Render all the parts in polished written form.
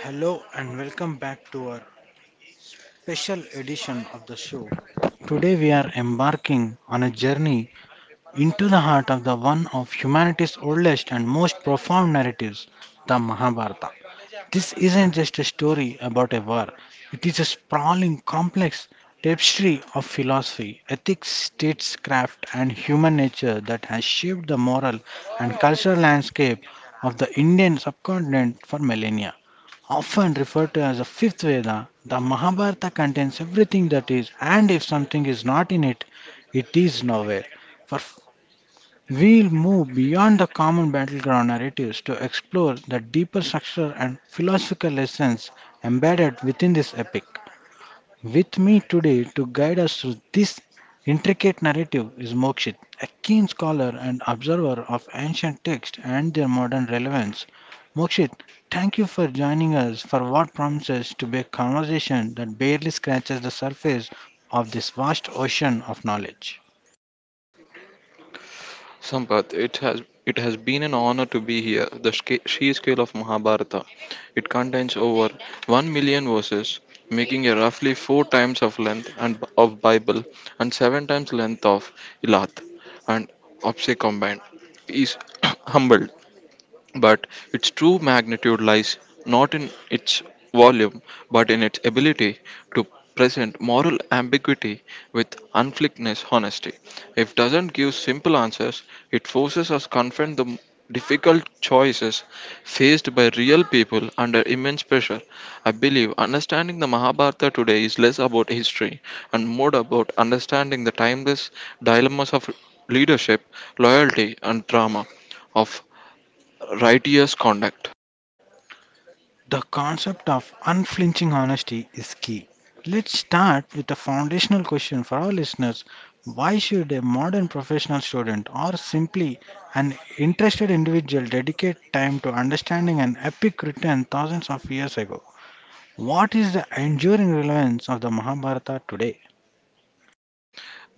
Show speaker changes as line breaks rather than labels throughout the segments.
Hello and welcome back to our special edition of the show. Today we are embarking on a journey into the heart of the one of humanity's oldest and most profound narratives, the Mahabharata. This isn't just a story about a war, it is a sprawling, complex tapestry of philosophy, ethics, statescraft, and human nature that has shaped the moral and cultural landscape of the Indian subcontinent for millennia, often referred to as the fifth Veda. The Mahabharata contains everything that is, and if something is not in it, it is nowhere. For we'll move beyond the common battleground narratives to explore the deeper structure and philosophical lessons embedded within this epic. With me today to guide us through this intricate narrative is Mokshit, a keen scholar and observer of ancient texts and their modern relevance. Mokshit, thank you for joining us for what promises to be a conversation that barely scratches the surface of this vast ocean of knowledge.
Sampath, it has been an honor to be here. The sheer scale of Mahabharata, it contains over 1 million verses, making a roughly four times of length and of Bible and seven times length of Ilat and Apse combined. Is humbled but its true magnitude lies not in its volume, but in its ability to present moral ambiguity with unflickness honesty. If doesn't give simple answers, it forces us confront the difficult choices faced by real people under immense pressure. I believe understanding the Mahabharata today is less about history and more about understanding the timeless dilemmas of leadership, loyalty, and drama of righteous conduct.
The concept of unflinching honesty is key. Let's start with a foundational question for our listeners. Why should a modern professional student or simply an interested individual dedicate time to understanding an epic written thousands of years ago? What is the enduring relevance of the Mahabharata today?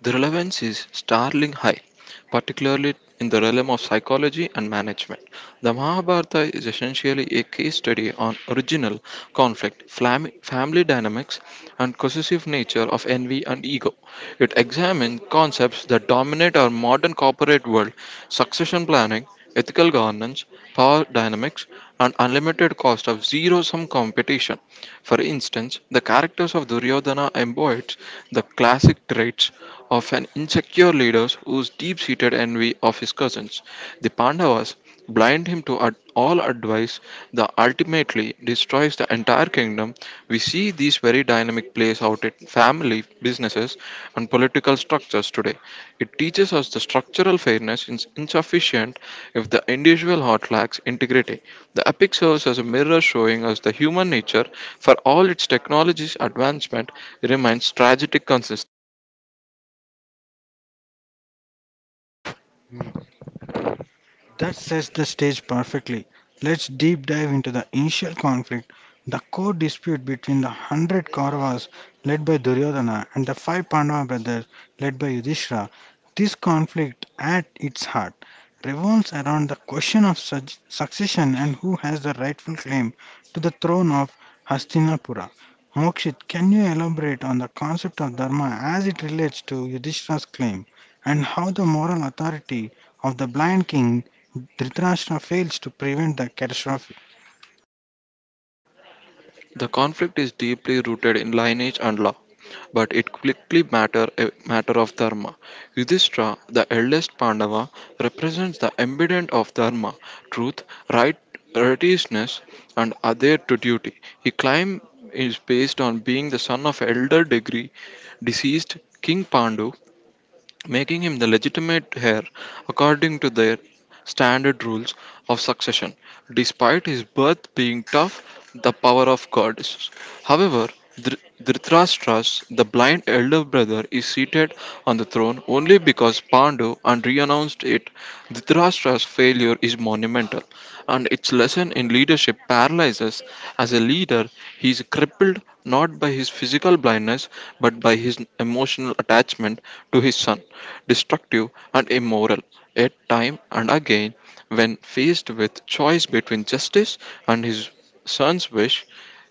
The relevance is startling high, particularly in the realm of psychology and management. The Mahabharata is essentially a case study on original conflict, family dynamics, and possessive nature of envy and ego. It examines concepts that dominate our modern corporate world, succession planning, ethical governance, power dynamics, and unlimited cost of zero sum competition. For instance, the characters of Duryodhana embodies the classic traits of an insecure leader whose deep seated envy of his cousins, the Pandavas blind him to all advice that ultimately destroys the entire kingdom. We see these very dynamic plays out in family, businesses, and political structures today. It teaches us the structural fairness is insufficient if the individual heart lacks integrity. The epic serves as a mirror showing us the human nature, for all its technology's advancement, remains tragic consistency.
That sets the stage perfectly. Let's deep dive into the initial conflict, the core dispute between the hundred Kauravas led by Duryodhana and the five Pandava brothers led by Yudhishthira. This conflict, at its heart, revolves around the question of such succession and who has the rightful claim to the throne of Hastinapura. Mokshit, can you elaborate on the concept of dharma as it relates to Yudhishthira's claim and how the moral authority of the blind king Dhritarashtra fails to prevent the catastrophe.
The conflict is deeply rooted in lineage and law, but it quickly matter a matter of dharma. Yudhishthira, the eldest Pandava, represents the embodiment of dharma, truth, right, righteousness, and adhere to duty. He claim is based on being the son of elder degree deceased King Pandu, making him the legitimate heir according to their standard rules of succession, despite his birth being tough, the power of God is. However, Dhritarashtra's, the blind elder brother, is seated on the throne only because Pandu and renounced it. Dhritarashtra's failure is monumental, and its lesson in leadership paralyzes. As a leader, he is crippled not by his physical blindness but by his emotional attachment to his son destructive, and immoral. Yet, time and again, when faced with choice between justice and his son's wish,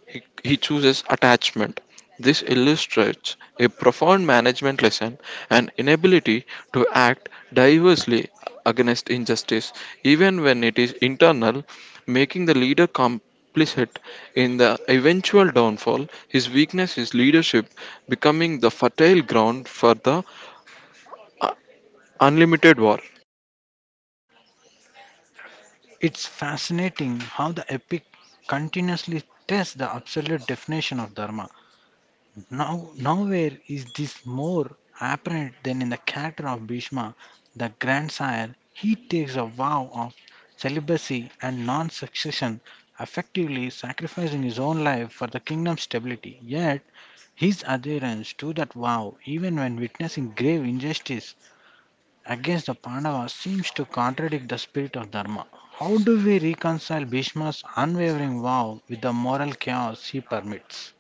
he chooses attachment. This illustrates a profound management lesson, an inability to act diversely against injustice, even when it is internal, making the leader complicit in the eventual downfall. His weakness is leadership, becoming the fertile ground for the unlimited war.
It's fascinating how the epic continuously tests the absolute definition of dharma. Now, nowhere is this more apparent than in the character of Bhishma, the grandsire. He takes a vow of celibacy and non succession, effectively sacrificing his own life for the kingdom's stability. Yet, his adherence to that vow, even when witnessing grave injustice against the Pandavas, seems to contradict the spirit of Dharma. How do we reconcile Bhishma's unwavering vow with the moral chaos he permits?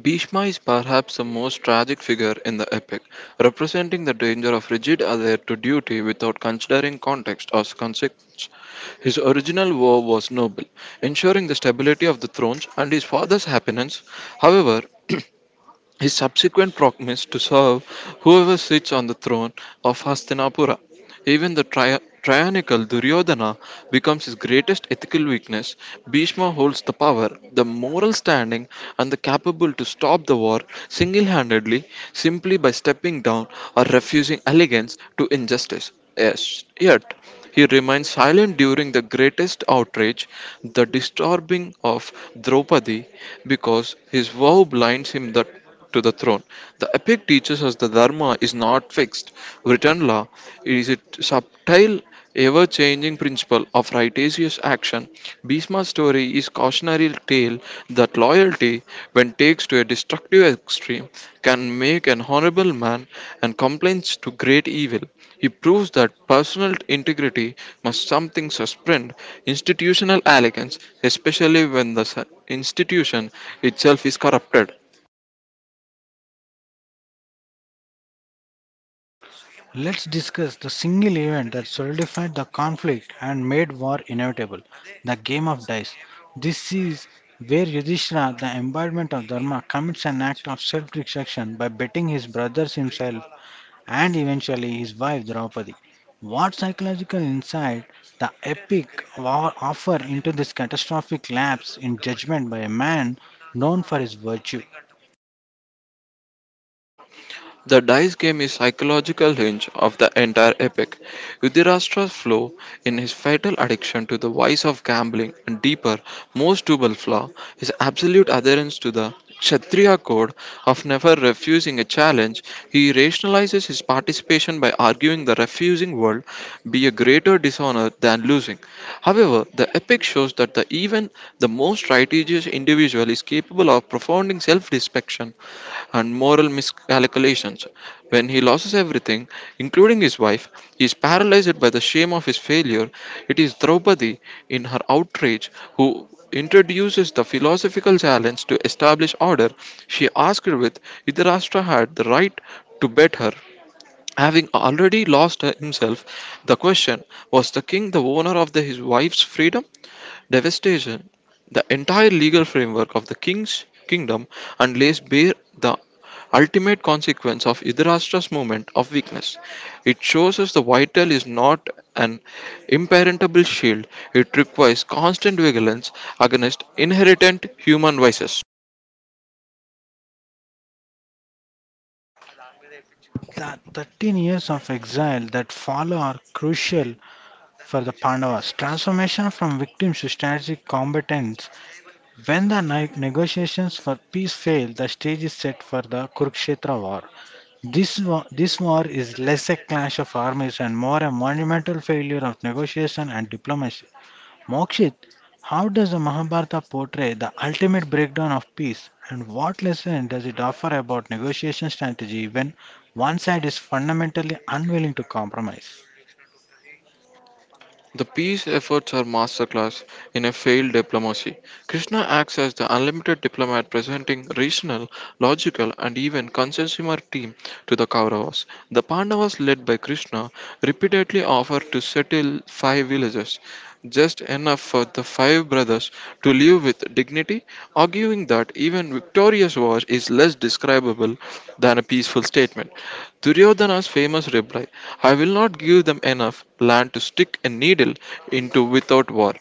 Bhishma is perhaps the most tragic figure in the epic, representing the danger of rigid adhere to duty without considering context or consequence. His original vow was noble, ensuring the stability of the thrones and his father's happiness. However, his subsequent promise to serve whoever sits on the throne of Hastinapura. Even the tyrannical Duryodhana becomes his greatest ethical weakness. Bhishma holds the power, the moral standing, and the capable to stop the war single handedly, simply by stepping down or refusing allegiance to injustice. Yes, yet he remains silent during the greatest outrage, the disturbing of Draupadi, because his vow blinds him that to the throne. The epic teaches us the Dharma is not fixed. Written law is a subtle, ever changing principle of righteous action. Bhisma's story is cautionary tale that loyalty, when takes to a destructive extreme, can make an honorable man and complains to great evil. He proves that personal integrity must something suspend institutional elegance, especially when the institution itself is corrupted.
Let's discuss the single event that solidified the conflict and made war inevitable, the game of dice. This is where Yudhishthira, the embodiment of Dharma, commits an act of self destruction by betting his brothers, himself, and eventually his wife Draupadi. What psychological insight the epic wa- offer into this catastrophic lapse in judgment by a man known for his virtue?
The dice game is psychological hinge of the entire epic. Yudhirastra's flaw in his fatal addiction to the vice of gambling and deeper, most double flaw, his absolute adherence to the Kshatriya code of never refusing a challenge, he rationalizes his participation by arguing the refusing world be a greater dishonor than losing. However, the epic shows that the even the most righteous individual is capable of profounding self-destruction and moral miscalculations. When he loses everything, including his wife, he is paralyzed by the shame of his failure. It is Draupadi, in her outrage, who introduces the philosophical challenge to establish order. She asked with Dhritarashtra had the right to bet her. Having already lost himself, the question was the king the owner of his wife's freedom? Devastation, the entire legal framework of the king's kingdom and lays bare the ultimate consequence of Idrashtra's moment of weakness. It shows us the vital is not an impenetrable shield, it requires constant vigilance against inherent human vices.
The 13 years of exile that follow are crucial for the Pandavas' transformation from victims to strategic combatants. When the negotiations for peace fail, the stage is set for the Kurukshetra war. This war is less a clash of armies and more a monumental failure of negotiation and diplomacy. Mokshit, how does the Mahabharata portray the ultimate breakdown of peace, and what lesson does it offer about negotiation strategy when one side is fundamentally unwilling to compromise?
The peace efforts are masterclass in a failed diplomacy. Krishna acts as the unlimited diplomat, presenting rational, logical and even consensual team to the Kauravas. The Pandavas led by Krishna repeatedly offer to settle five villages, just enough for the five brothers to live with dignity, arguing that even victorious war is less describable than a peaceful statement. Duryodhana's famous reply, "I will not give them enough land to stick a needle into without war,"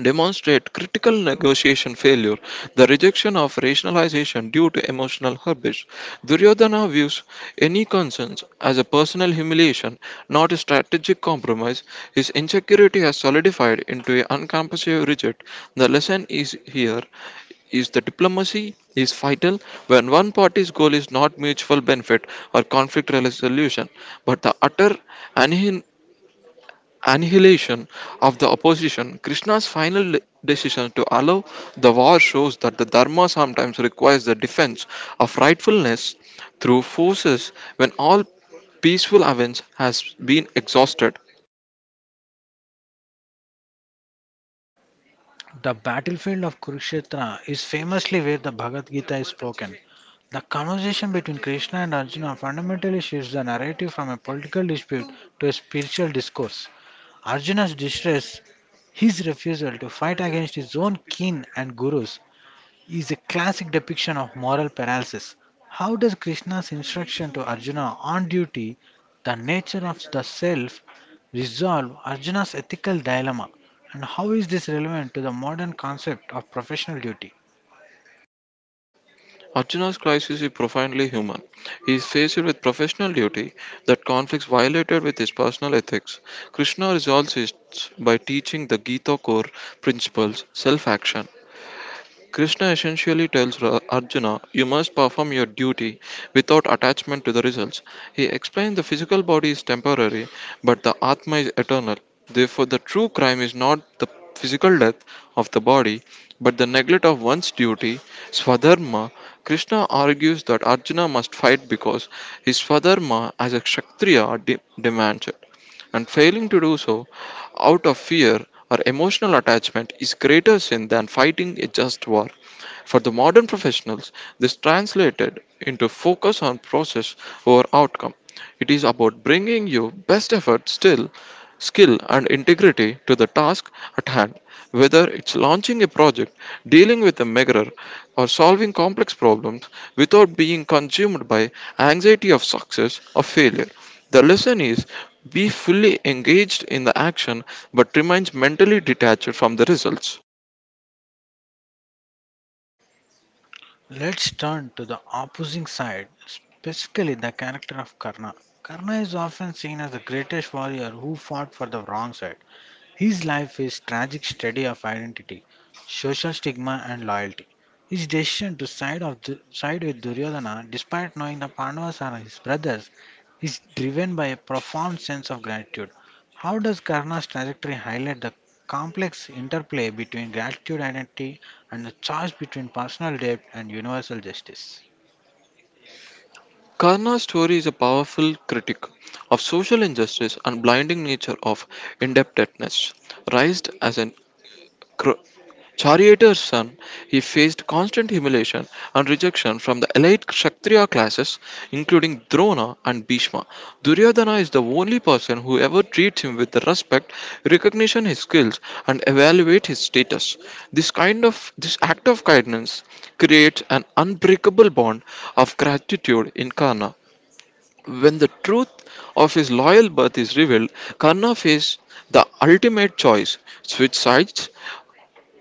demonstrate critical negotiation failure, the rejection of rationalization due to emotional hubris. Duryodhana views any conscience as a personal humiliation, not a strategic compromise. His insecurity has solidified into an uncompassive reject. The lesson is here is that diplomacy is vital when one party's goal is not mutual benefit or conflict resolution, but the utter annihilation of the opposition. Krishna's final decision to allow the war shows that the Dharma sometimes requires the defense of rightfulness through forces when all peaceful avenge has been exhausted.
The battlefield of Kurukshetra is famously where the Bhagavad Gita is spoken. The conversation between Krishna and Arjuna fundamentally shifts the narrative from a political dispute to a spiritual discourse. Arjuna's distress, his refusal to fight against his own kin and gurus, is a classic depiction of moral paralysis. How does Krishna's instruction to Arjuna on duty, the nature of the self, resolve Arjuna's ethical dilemma? And how is this relevant to the modern concept of professional duty?
Arjuna's crisis is profoundly human. He is faced with professional duty that conflicts violated with his personal ethics. Krishna resolves it by teaching the Gita core principles, self action. Krishna essentially tells Arjuna, "You must perform your duty without attachment to the results." He explained the physical body is temporary, but the Atma is eternal. Therefore, the true crime is not the physical death of the body, but the neglect of one's duty, Swadharma. Krishna argues that Arjuna must fight because his Swadharma as a Kshatriya demands it, and failing to do so out of fear or emotional attachment is greater sin than fighting a just war. For the modern professionals, this translated into focus on process over outcome. It is about bringing your best effort, still skill and integrity, to the task at hand, whether it's launching a project, dealing with a mirror, or solving complex problems without being consumed by anxiety of success or failure. The lesson is, be fully engaged in the action but remains mentally detached from the results.
Let's turn to the opposing side, specifically the character of Karna. Karna is often seen as the greatest warrior who fought for the wrong side. His life is tragic study of identity, social stigma, and loyalty. His decision to side with Duryodhana, despite knowing the Pandavas are his brothers, is driven by a profound sense of gratitude. How does Karna's trajectory highlight the complex interplay between gratitude, identity, and the choice between personal debt and universal justice?
Karna's story is a powerful critic of social injustice and blinding nature of indebtedness. Raised as an Cro- Charioteer's son, he faced constant humiliation and rejection from the elite Kshatriya classes, including Drona and Bhishma. Duryodhana is the only person who ever treats him with respect, recognition his skills, and evaluate his status. This act of kindness creates an unbreakable bond of gratitude in Karna. When the truth of his loyal birth is revealed, Karna faces the ultimate choice, switch sides,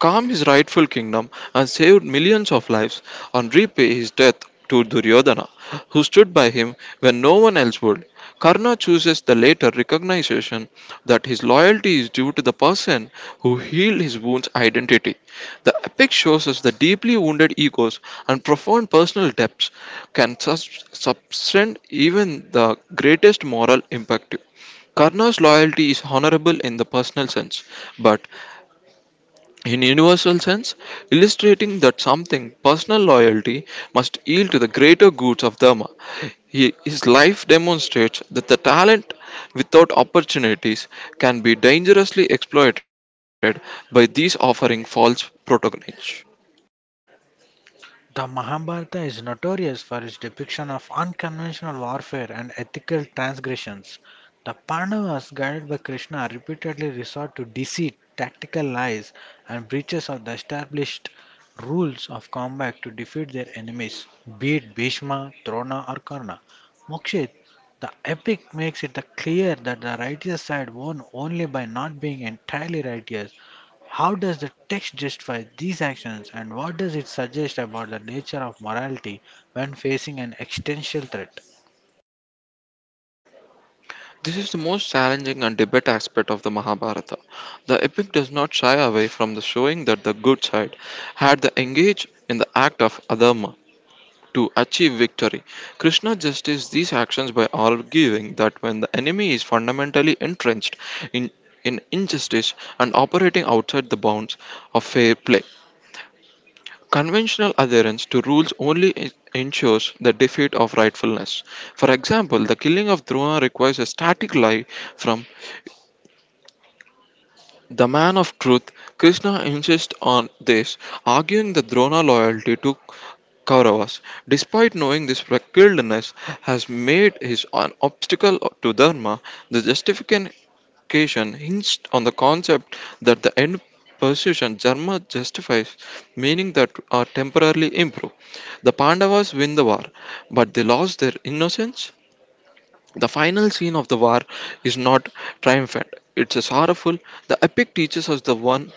calmed his rightful kingdom and saved millions of lives, and repay his death to Duryodhana, who stood by him when no one else would. Karna chooses the later recognition that his loyalty is due to the person who healed his wound's identity. The epic shows us that deeply wounded egos and profound personal depths can subtend even the greatest moral impact. Karna's loyalty is honorable in the personal sense, but in universal sense, illustrating that something, personal loyalty, must yield to the greater goods of Dharma. His life demonstrates that the talent without opportunities can be dangerously exploited by these offering false protagonists.
The Mahabharata is notorious for its depiction of unconventional warfare and ethical transgressions. The Pandavas, guided by Krishna, repeatedly resort to deceit, tactical lies, and breaches of the established rules of combat to defeat their enemies, be it Bhishma, Drona, or Karna. Mokshit, the epic makes it clear that the righteous side won only by not being entirely righteous. How does the text justify these actions, and what does it suggest about the nature of morality when facing an existential threat?
This is the most challenging and debate aspect of the Mahabharata. The epic does not shy away from the showing that the good side had the engaged in the act of adharma to achieve victory. Krishna justifies these actions by arguing that when the enemy is fundamentally entrenched in, in injustice and operating outside the bounds of fair play, conventional adherence to rules only ensures the defeat of rightfulness. For example, the killing of Drona requires a static lie from the man of truth. Krishna insists on this, arguing the Drona loyalty to Kauravas, despite knowing this fickleness, has made his an obstacle to Dharma. The justification hinged on the concept that the end position Dharma justifies, meaning that are temporarily improved. The Pandavas win the war, but they lost their innocence. The final scene of the war is not triumphant, it's a sorrowful. The epic teaches us the one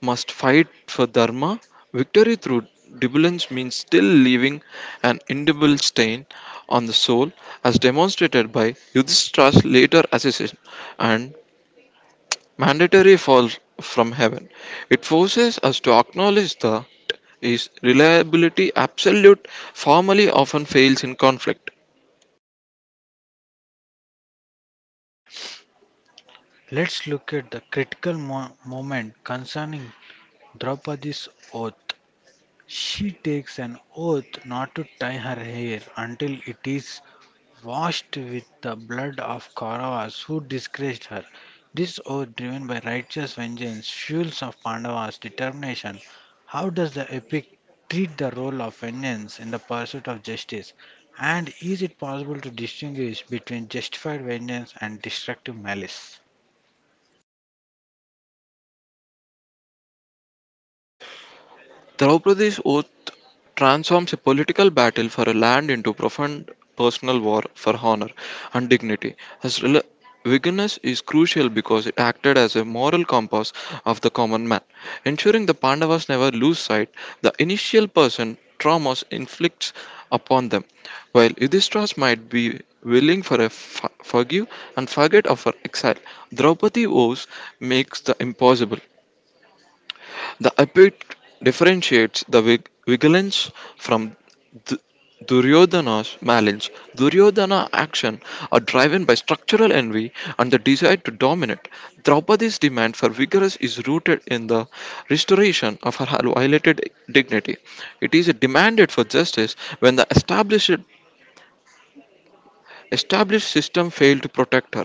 must fight for Dharma. Victory through debullience means still leaving an indelible stain on the soul, as demonstrated by Yudhishthira's later assassination and mandatory fall from heaven. It forces us to acknowledge that is reliability absolute formally often fails in conflict.
Let's look at the critical moment concerning Draupadi's oath. She takes an oath not to tie her hair until it is washed with the blood of Kauravas who disgraced her. This oath, driven by righteous vengeance, fuels of Pandavas' determination. How does the epic treat the role of vengeance in the pursuit of justice? And is it possible to distinguish between justified vengeance and destructive malice?
Draupadi's oath transforms a political battle for a land into profound personal war for honor and dignity. As rel- Vigilance is crucial because it acted as a moral compass of the common man, ensuring the Pandavas never lose sight the initial person traumas inflicts upon them. While Yudhishthira might be willing for a forgive and forget of her exile, Draupadi vows makes the impossible. The epic differentiates the vigilance from d- Duryodhana's malice. Duryodhana action are driven by structural envy and the desire to dominate. Draupadi's demand for vigilance is rooted in the restoration of her violated dignity. It is demanded for justice when the established system failed to protect her.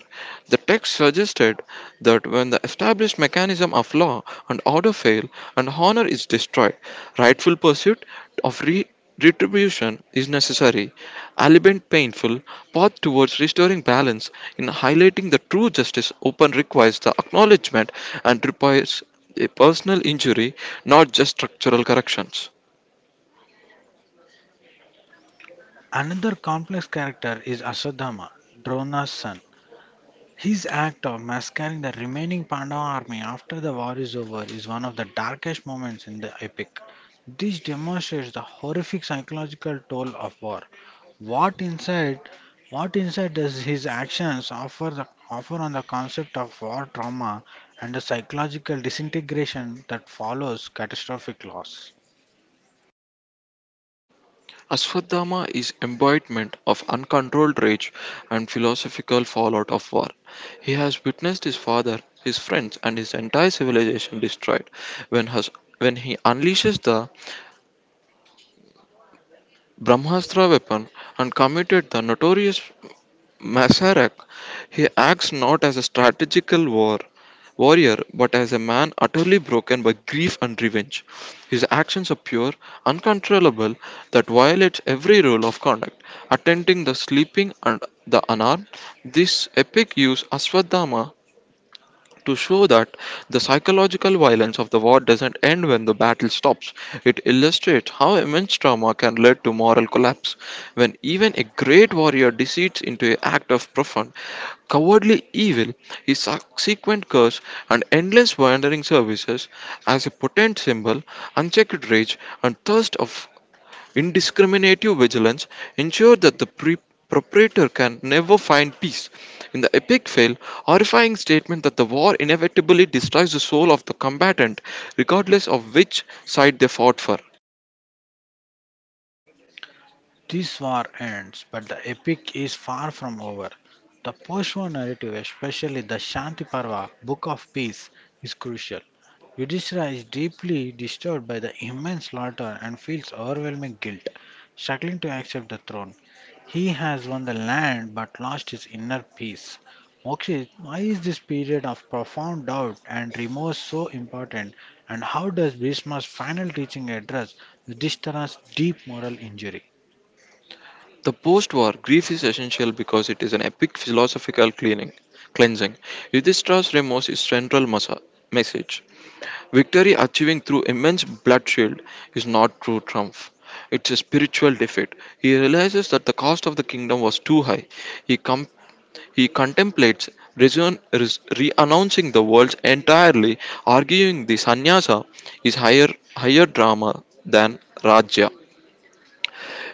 The text suggested that when the established mechanism of law and order fail and honor is destroyed, rightful pursuit of retribution is necessary. Albeit painful, path towards restoring balance in highlighting the true justice open requires the acknowledgement and repairs a personal injury, not just structural corrections.
Another complex character is Aswadhama, Drona's son. His act of massacring the remaining Pandava army after the war is over is one of the darkest moments in the epic. This demonstrates the horrific psychological toll of war. What insight, what insight does his actions offer, offer on the concept of war trauma and the psychological disintegration that follows catastrophic loss?
Ashwadama is embodiment of uncontrolled rage and philosophical fallout of war. He has witnessed his father, his friends, and his entire civilization destroyed when, has, when he unleashes the Brahmastra weapon and committed the notorious Masaryk, he acts not as a strategical war warrior but as a man utterly broken by grief and revenge. His actions are pure, uncontrollable, that violates every rule of conduct, attending the sleeping and the unarmed. This epic use Aswadama to show that the psychological violence of the war doesn't end when the battle stops. It illustrates how immense trauma can lead to moral collapse when even a great warrior decedes into an act of profound, cowardly evil, his subsequent curse and endless wandering services as a potent symbol, unchecked rage and thirst of Indiscriminative vigilance ensured that the proprietor can never find peace. In the epic fail, horrifying statement that the war inevitably destroys the soul of the combatant, regardless of which side they fought for.
This war ends, but the epic is far from over. The post-war narrative, especially the Shanti Parva, Book of Peace, is crucial. Yudhishthira is deeply disturbed by the immense slaughter and feels overwhelming guilt, struggling to accept the throne. He has won the land but lost his inner peace. Mokshit, why is this period of profound doubt and remorse so important, and how does Bhishma's final teaching address Yudhishthira's deep moral injury?
The post-war grief is essential because it is an epic philosophical cleansing. Yudhishthira's remorse is central message. Victory achieving through immense bloodshed is not true triumph. It's a spiritual defeat. He realizes that the cost of the kingdom was too high. He, com- he contemplates renouncing the world entirely, arguing the sannyasa is higher drama than Rajya.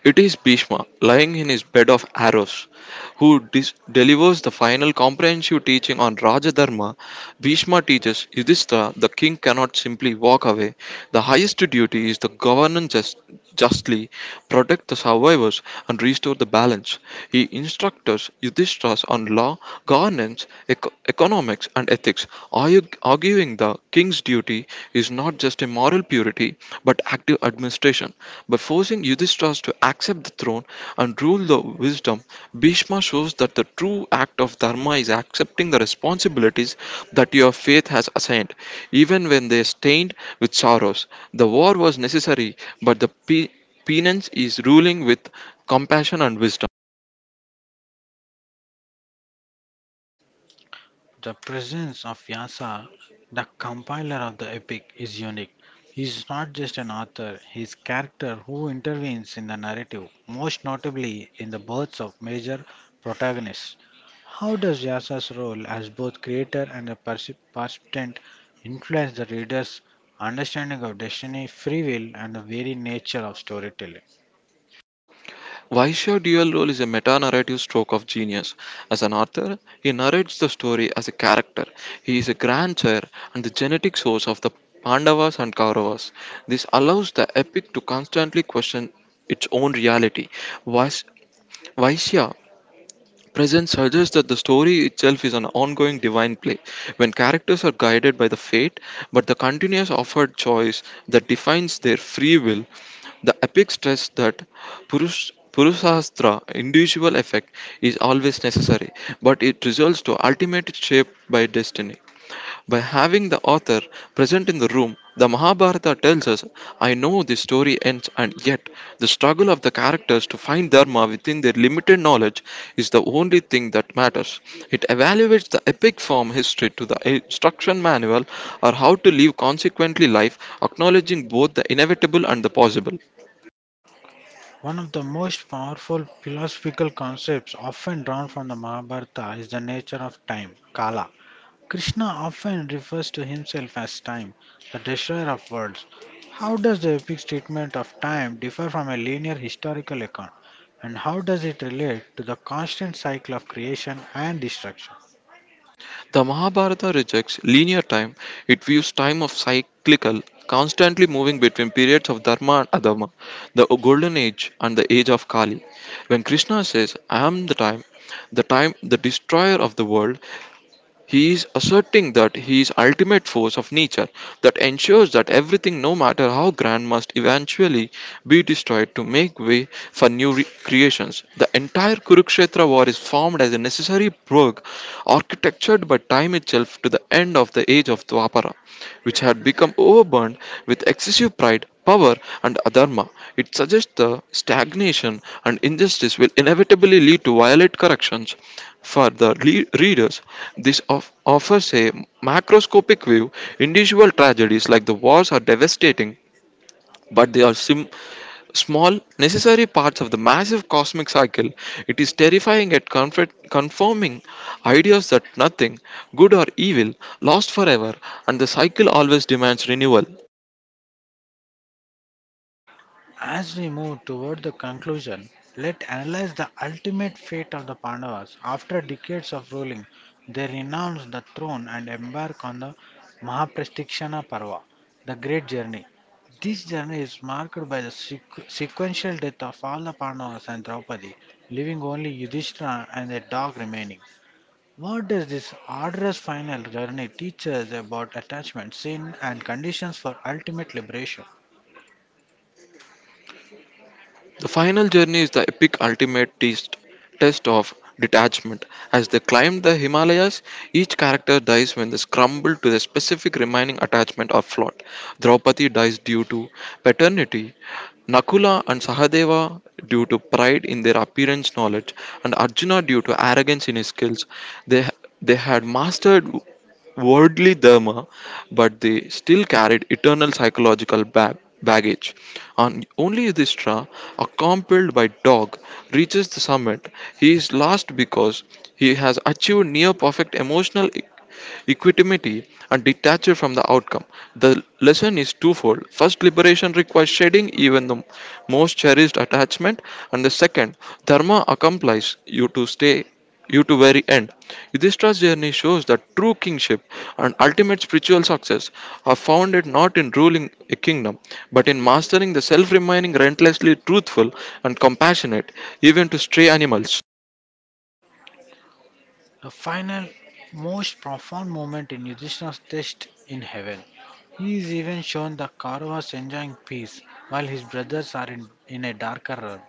It is Bhishma, lying in his bed of arrows, who delivers the final comprehensive teaching on Rajadharma. Bhishma teaches Yudhishthira the king cannot simply walk away. The highest duty is to govern justly, protect the survivors, and restore the balance. He instructs Yudhishthira on law, governance, economics, and ethics, arguing the king's duty is not just a moral purity but active administration. By forcing Yudhishthira to accept the throne and rule the wisdom, Bhishma shows that the true act of dharma is accepting the responsibilities that your faith has assigned, even when they are stained with sorrows. The war was necessary, but the penance is ruling with compassion and wisdom.
The presence of Vyasa, the compiler of the epic, is unique. He is not just an author, he is a character who intervenes in the narrative, most notably in the births of major protagonists. How does Vyasa's role as both creator and a participant influence the reader's understanding of destiny, free will, and the very nature of storytelling?
Vaishya dual role is a meta narrative stroke of genius. As an author, he narrates the story as a character. He is a grandsire and the genetic source of the Pandavas and Kauravas. This allows the epic to constantly question its own reality. Vais- Vaishya Presence suggests that the story itself is an ongoing divine play, when characters are guided by the fate, but the continuous offered choice that defines their free will. The epic stress that Purushastra, individual effect, is always necessary, but it results to ultimate shape by destiny. By having the author present in the room, the Mahabharata tells us, I know this story ends, and yet the struggle of the characters to find Dharma within their limited knowledge is the only thing that matters. It evaluates the epic form history to the instruction manual or how to live consequently life, acknowledging both the inevitable and the possible.
One of the most powerful philosophical concepts often drawn from the Mahabharata is the nature of time, kala. Krishna often refers to himself as time, the destroyer of worlds. How does the epic's treatment of time differ from a linear historical account, and how does it relate to the constant cycle of creation and destruction?
The Mahabharata rejects linear time, it views time of cyclical, constantly moving between periods of Dharma and Adharma, the golden age and the age of Kali. When Krishna says, I am the time, the destroyer of the world, he is asserting that he is ultimate force of nature that ensures that everything, no matter how grand, must eventually be destroyed to make way for new creations. The entire Kurukshetra war is formed as a necessary work architectured by time itself to the end of the age of Dwapara, which had become overburdened with excessive pride power and adharma. It suggests the stagnation and injustice will inevitably lead to violent corrections. For the readers, this offers a macroscopic view. Individual tragedies like the wars are devastating, but they are small, necessary parts of the massive cosmic cycle. It is terrifying at confirming ideas that nothing, good or evil, lasts forever, and the cycle always demands renewal.
As we move toward the conclusion, let analyze the ultimate fate of the Pandavas. After decades of ruling, they renounce the throne and embark on the Mahapratikshana Parva, the Great Journey. This journey is marked by the sequential death of all the Pandavas and Draupadi, leaving only Yudhishthira and their dog remaining. What does this arduous final journey teach us about attachment, sin, and conditions for ultimate liberation?
The final journey is the epic ultimate test of detachment. As they climb the Himalayas, each character dies when they scramble to the specific remaining attachment or plot. Draupadi dies due to paternity, Nakula and Sahadeva due to pride in their appearance knowledge, and Arjuna due to arrogance in his skills. They, they had mastered worldly dharma, but they still carried eternal psychological baggage. And only Yudhishthira, accompanied by dog, reaches the summit. He is lost because he has achieved near perfect emotional equanimity, and detached from the outcome. The lesson is twofold. First, liberation requires shedding even the most cherished attachment, and the second, dharma accompanies you to stay you to very end. Yudhishthira's journey shows that true kingship and ultimate spiritual success are founded not in ruling a kingdom, but in mastering the self remaining relentlessly truthful and compassionate, even to stray animals.
The final, most profound moment in Yudhishthira's test in heaven. He is even shown the Kauravas enjoying peace while his brothers are in a darker realm.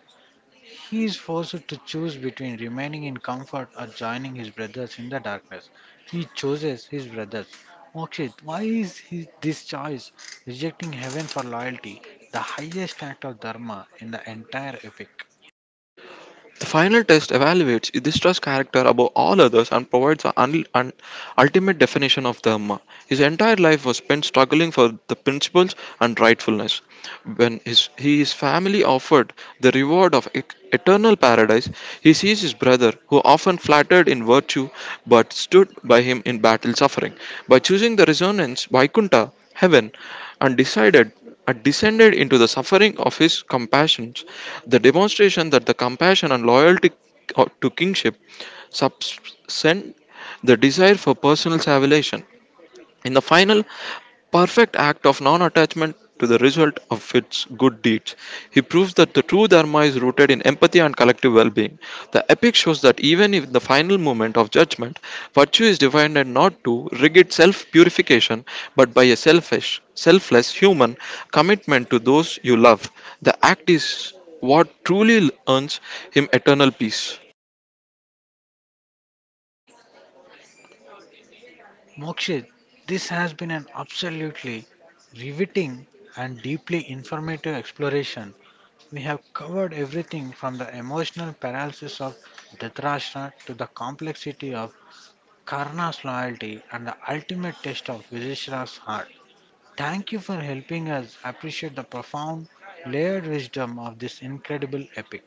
He is forced to choose between remaining in comfort or joining his brothers in the darkness. He chooses his brothers. Mokshit, why is he, this choice? Rejecting heaven for loyalty, the highest act of dharma in the entire epic.
The final test evaluates Yudhishthira's character above all others and provides the ultimate definition of Dharma. His entire life was spent struggling for the principles and rightfulness. When his family offered the reward of eternal paradise, he sees his brother, who often flattered in virtue but stood by him in battle suffering. By choosing the resonance, Vaikunta, heaven, and decided are descended into the suffering of his compassions, the demonstration that the compassion and loyalty to kingship subscend the desire for personal salvation. In the final perfect act of non attachment to the result of its good deeds, he proves that the true Dharma is rooted in empathy and collective well being. The epic shows that even in the final moment of judgment, virtue is defined not to rigid self purification but by a selfless human commitment to those you love. The act is what truly earns him eternal peace.
Mokshit, this has been an absolutely riveting and deeply informative exploration. We have covered everything from the emotional paralysis of Dhritarashtra to the complexity of Karna's loyalty and the ultimate test of Vizishra's heart. Thank you for helping us appreciate the profound, layered wisdom of this incredible epic.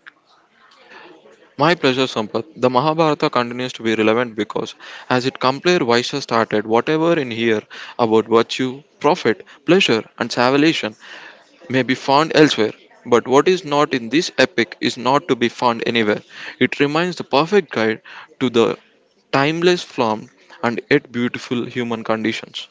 My pleasure, Sampath. The Mahabharata continues to be relevant because, as it complete Vaishya started, whatever in here about virtue, profit, pleasure, and salvation may be found elsewhere. But what is not in this epic is not to be found anywhere. It remains the perfect guide to the timeless form and yet beautiful human conditions.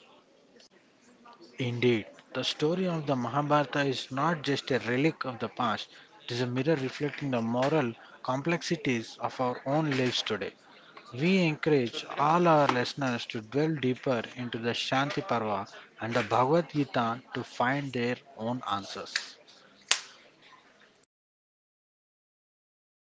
Indeed, the story of the Mahabharata is not just a relic of the past, it is a mirror reflecting the moral complexities of our own lives today. We encourage all our listeners to delve deeper into the Shanti Parva and the Bhagavad Gita to find their own answers.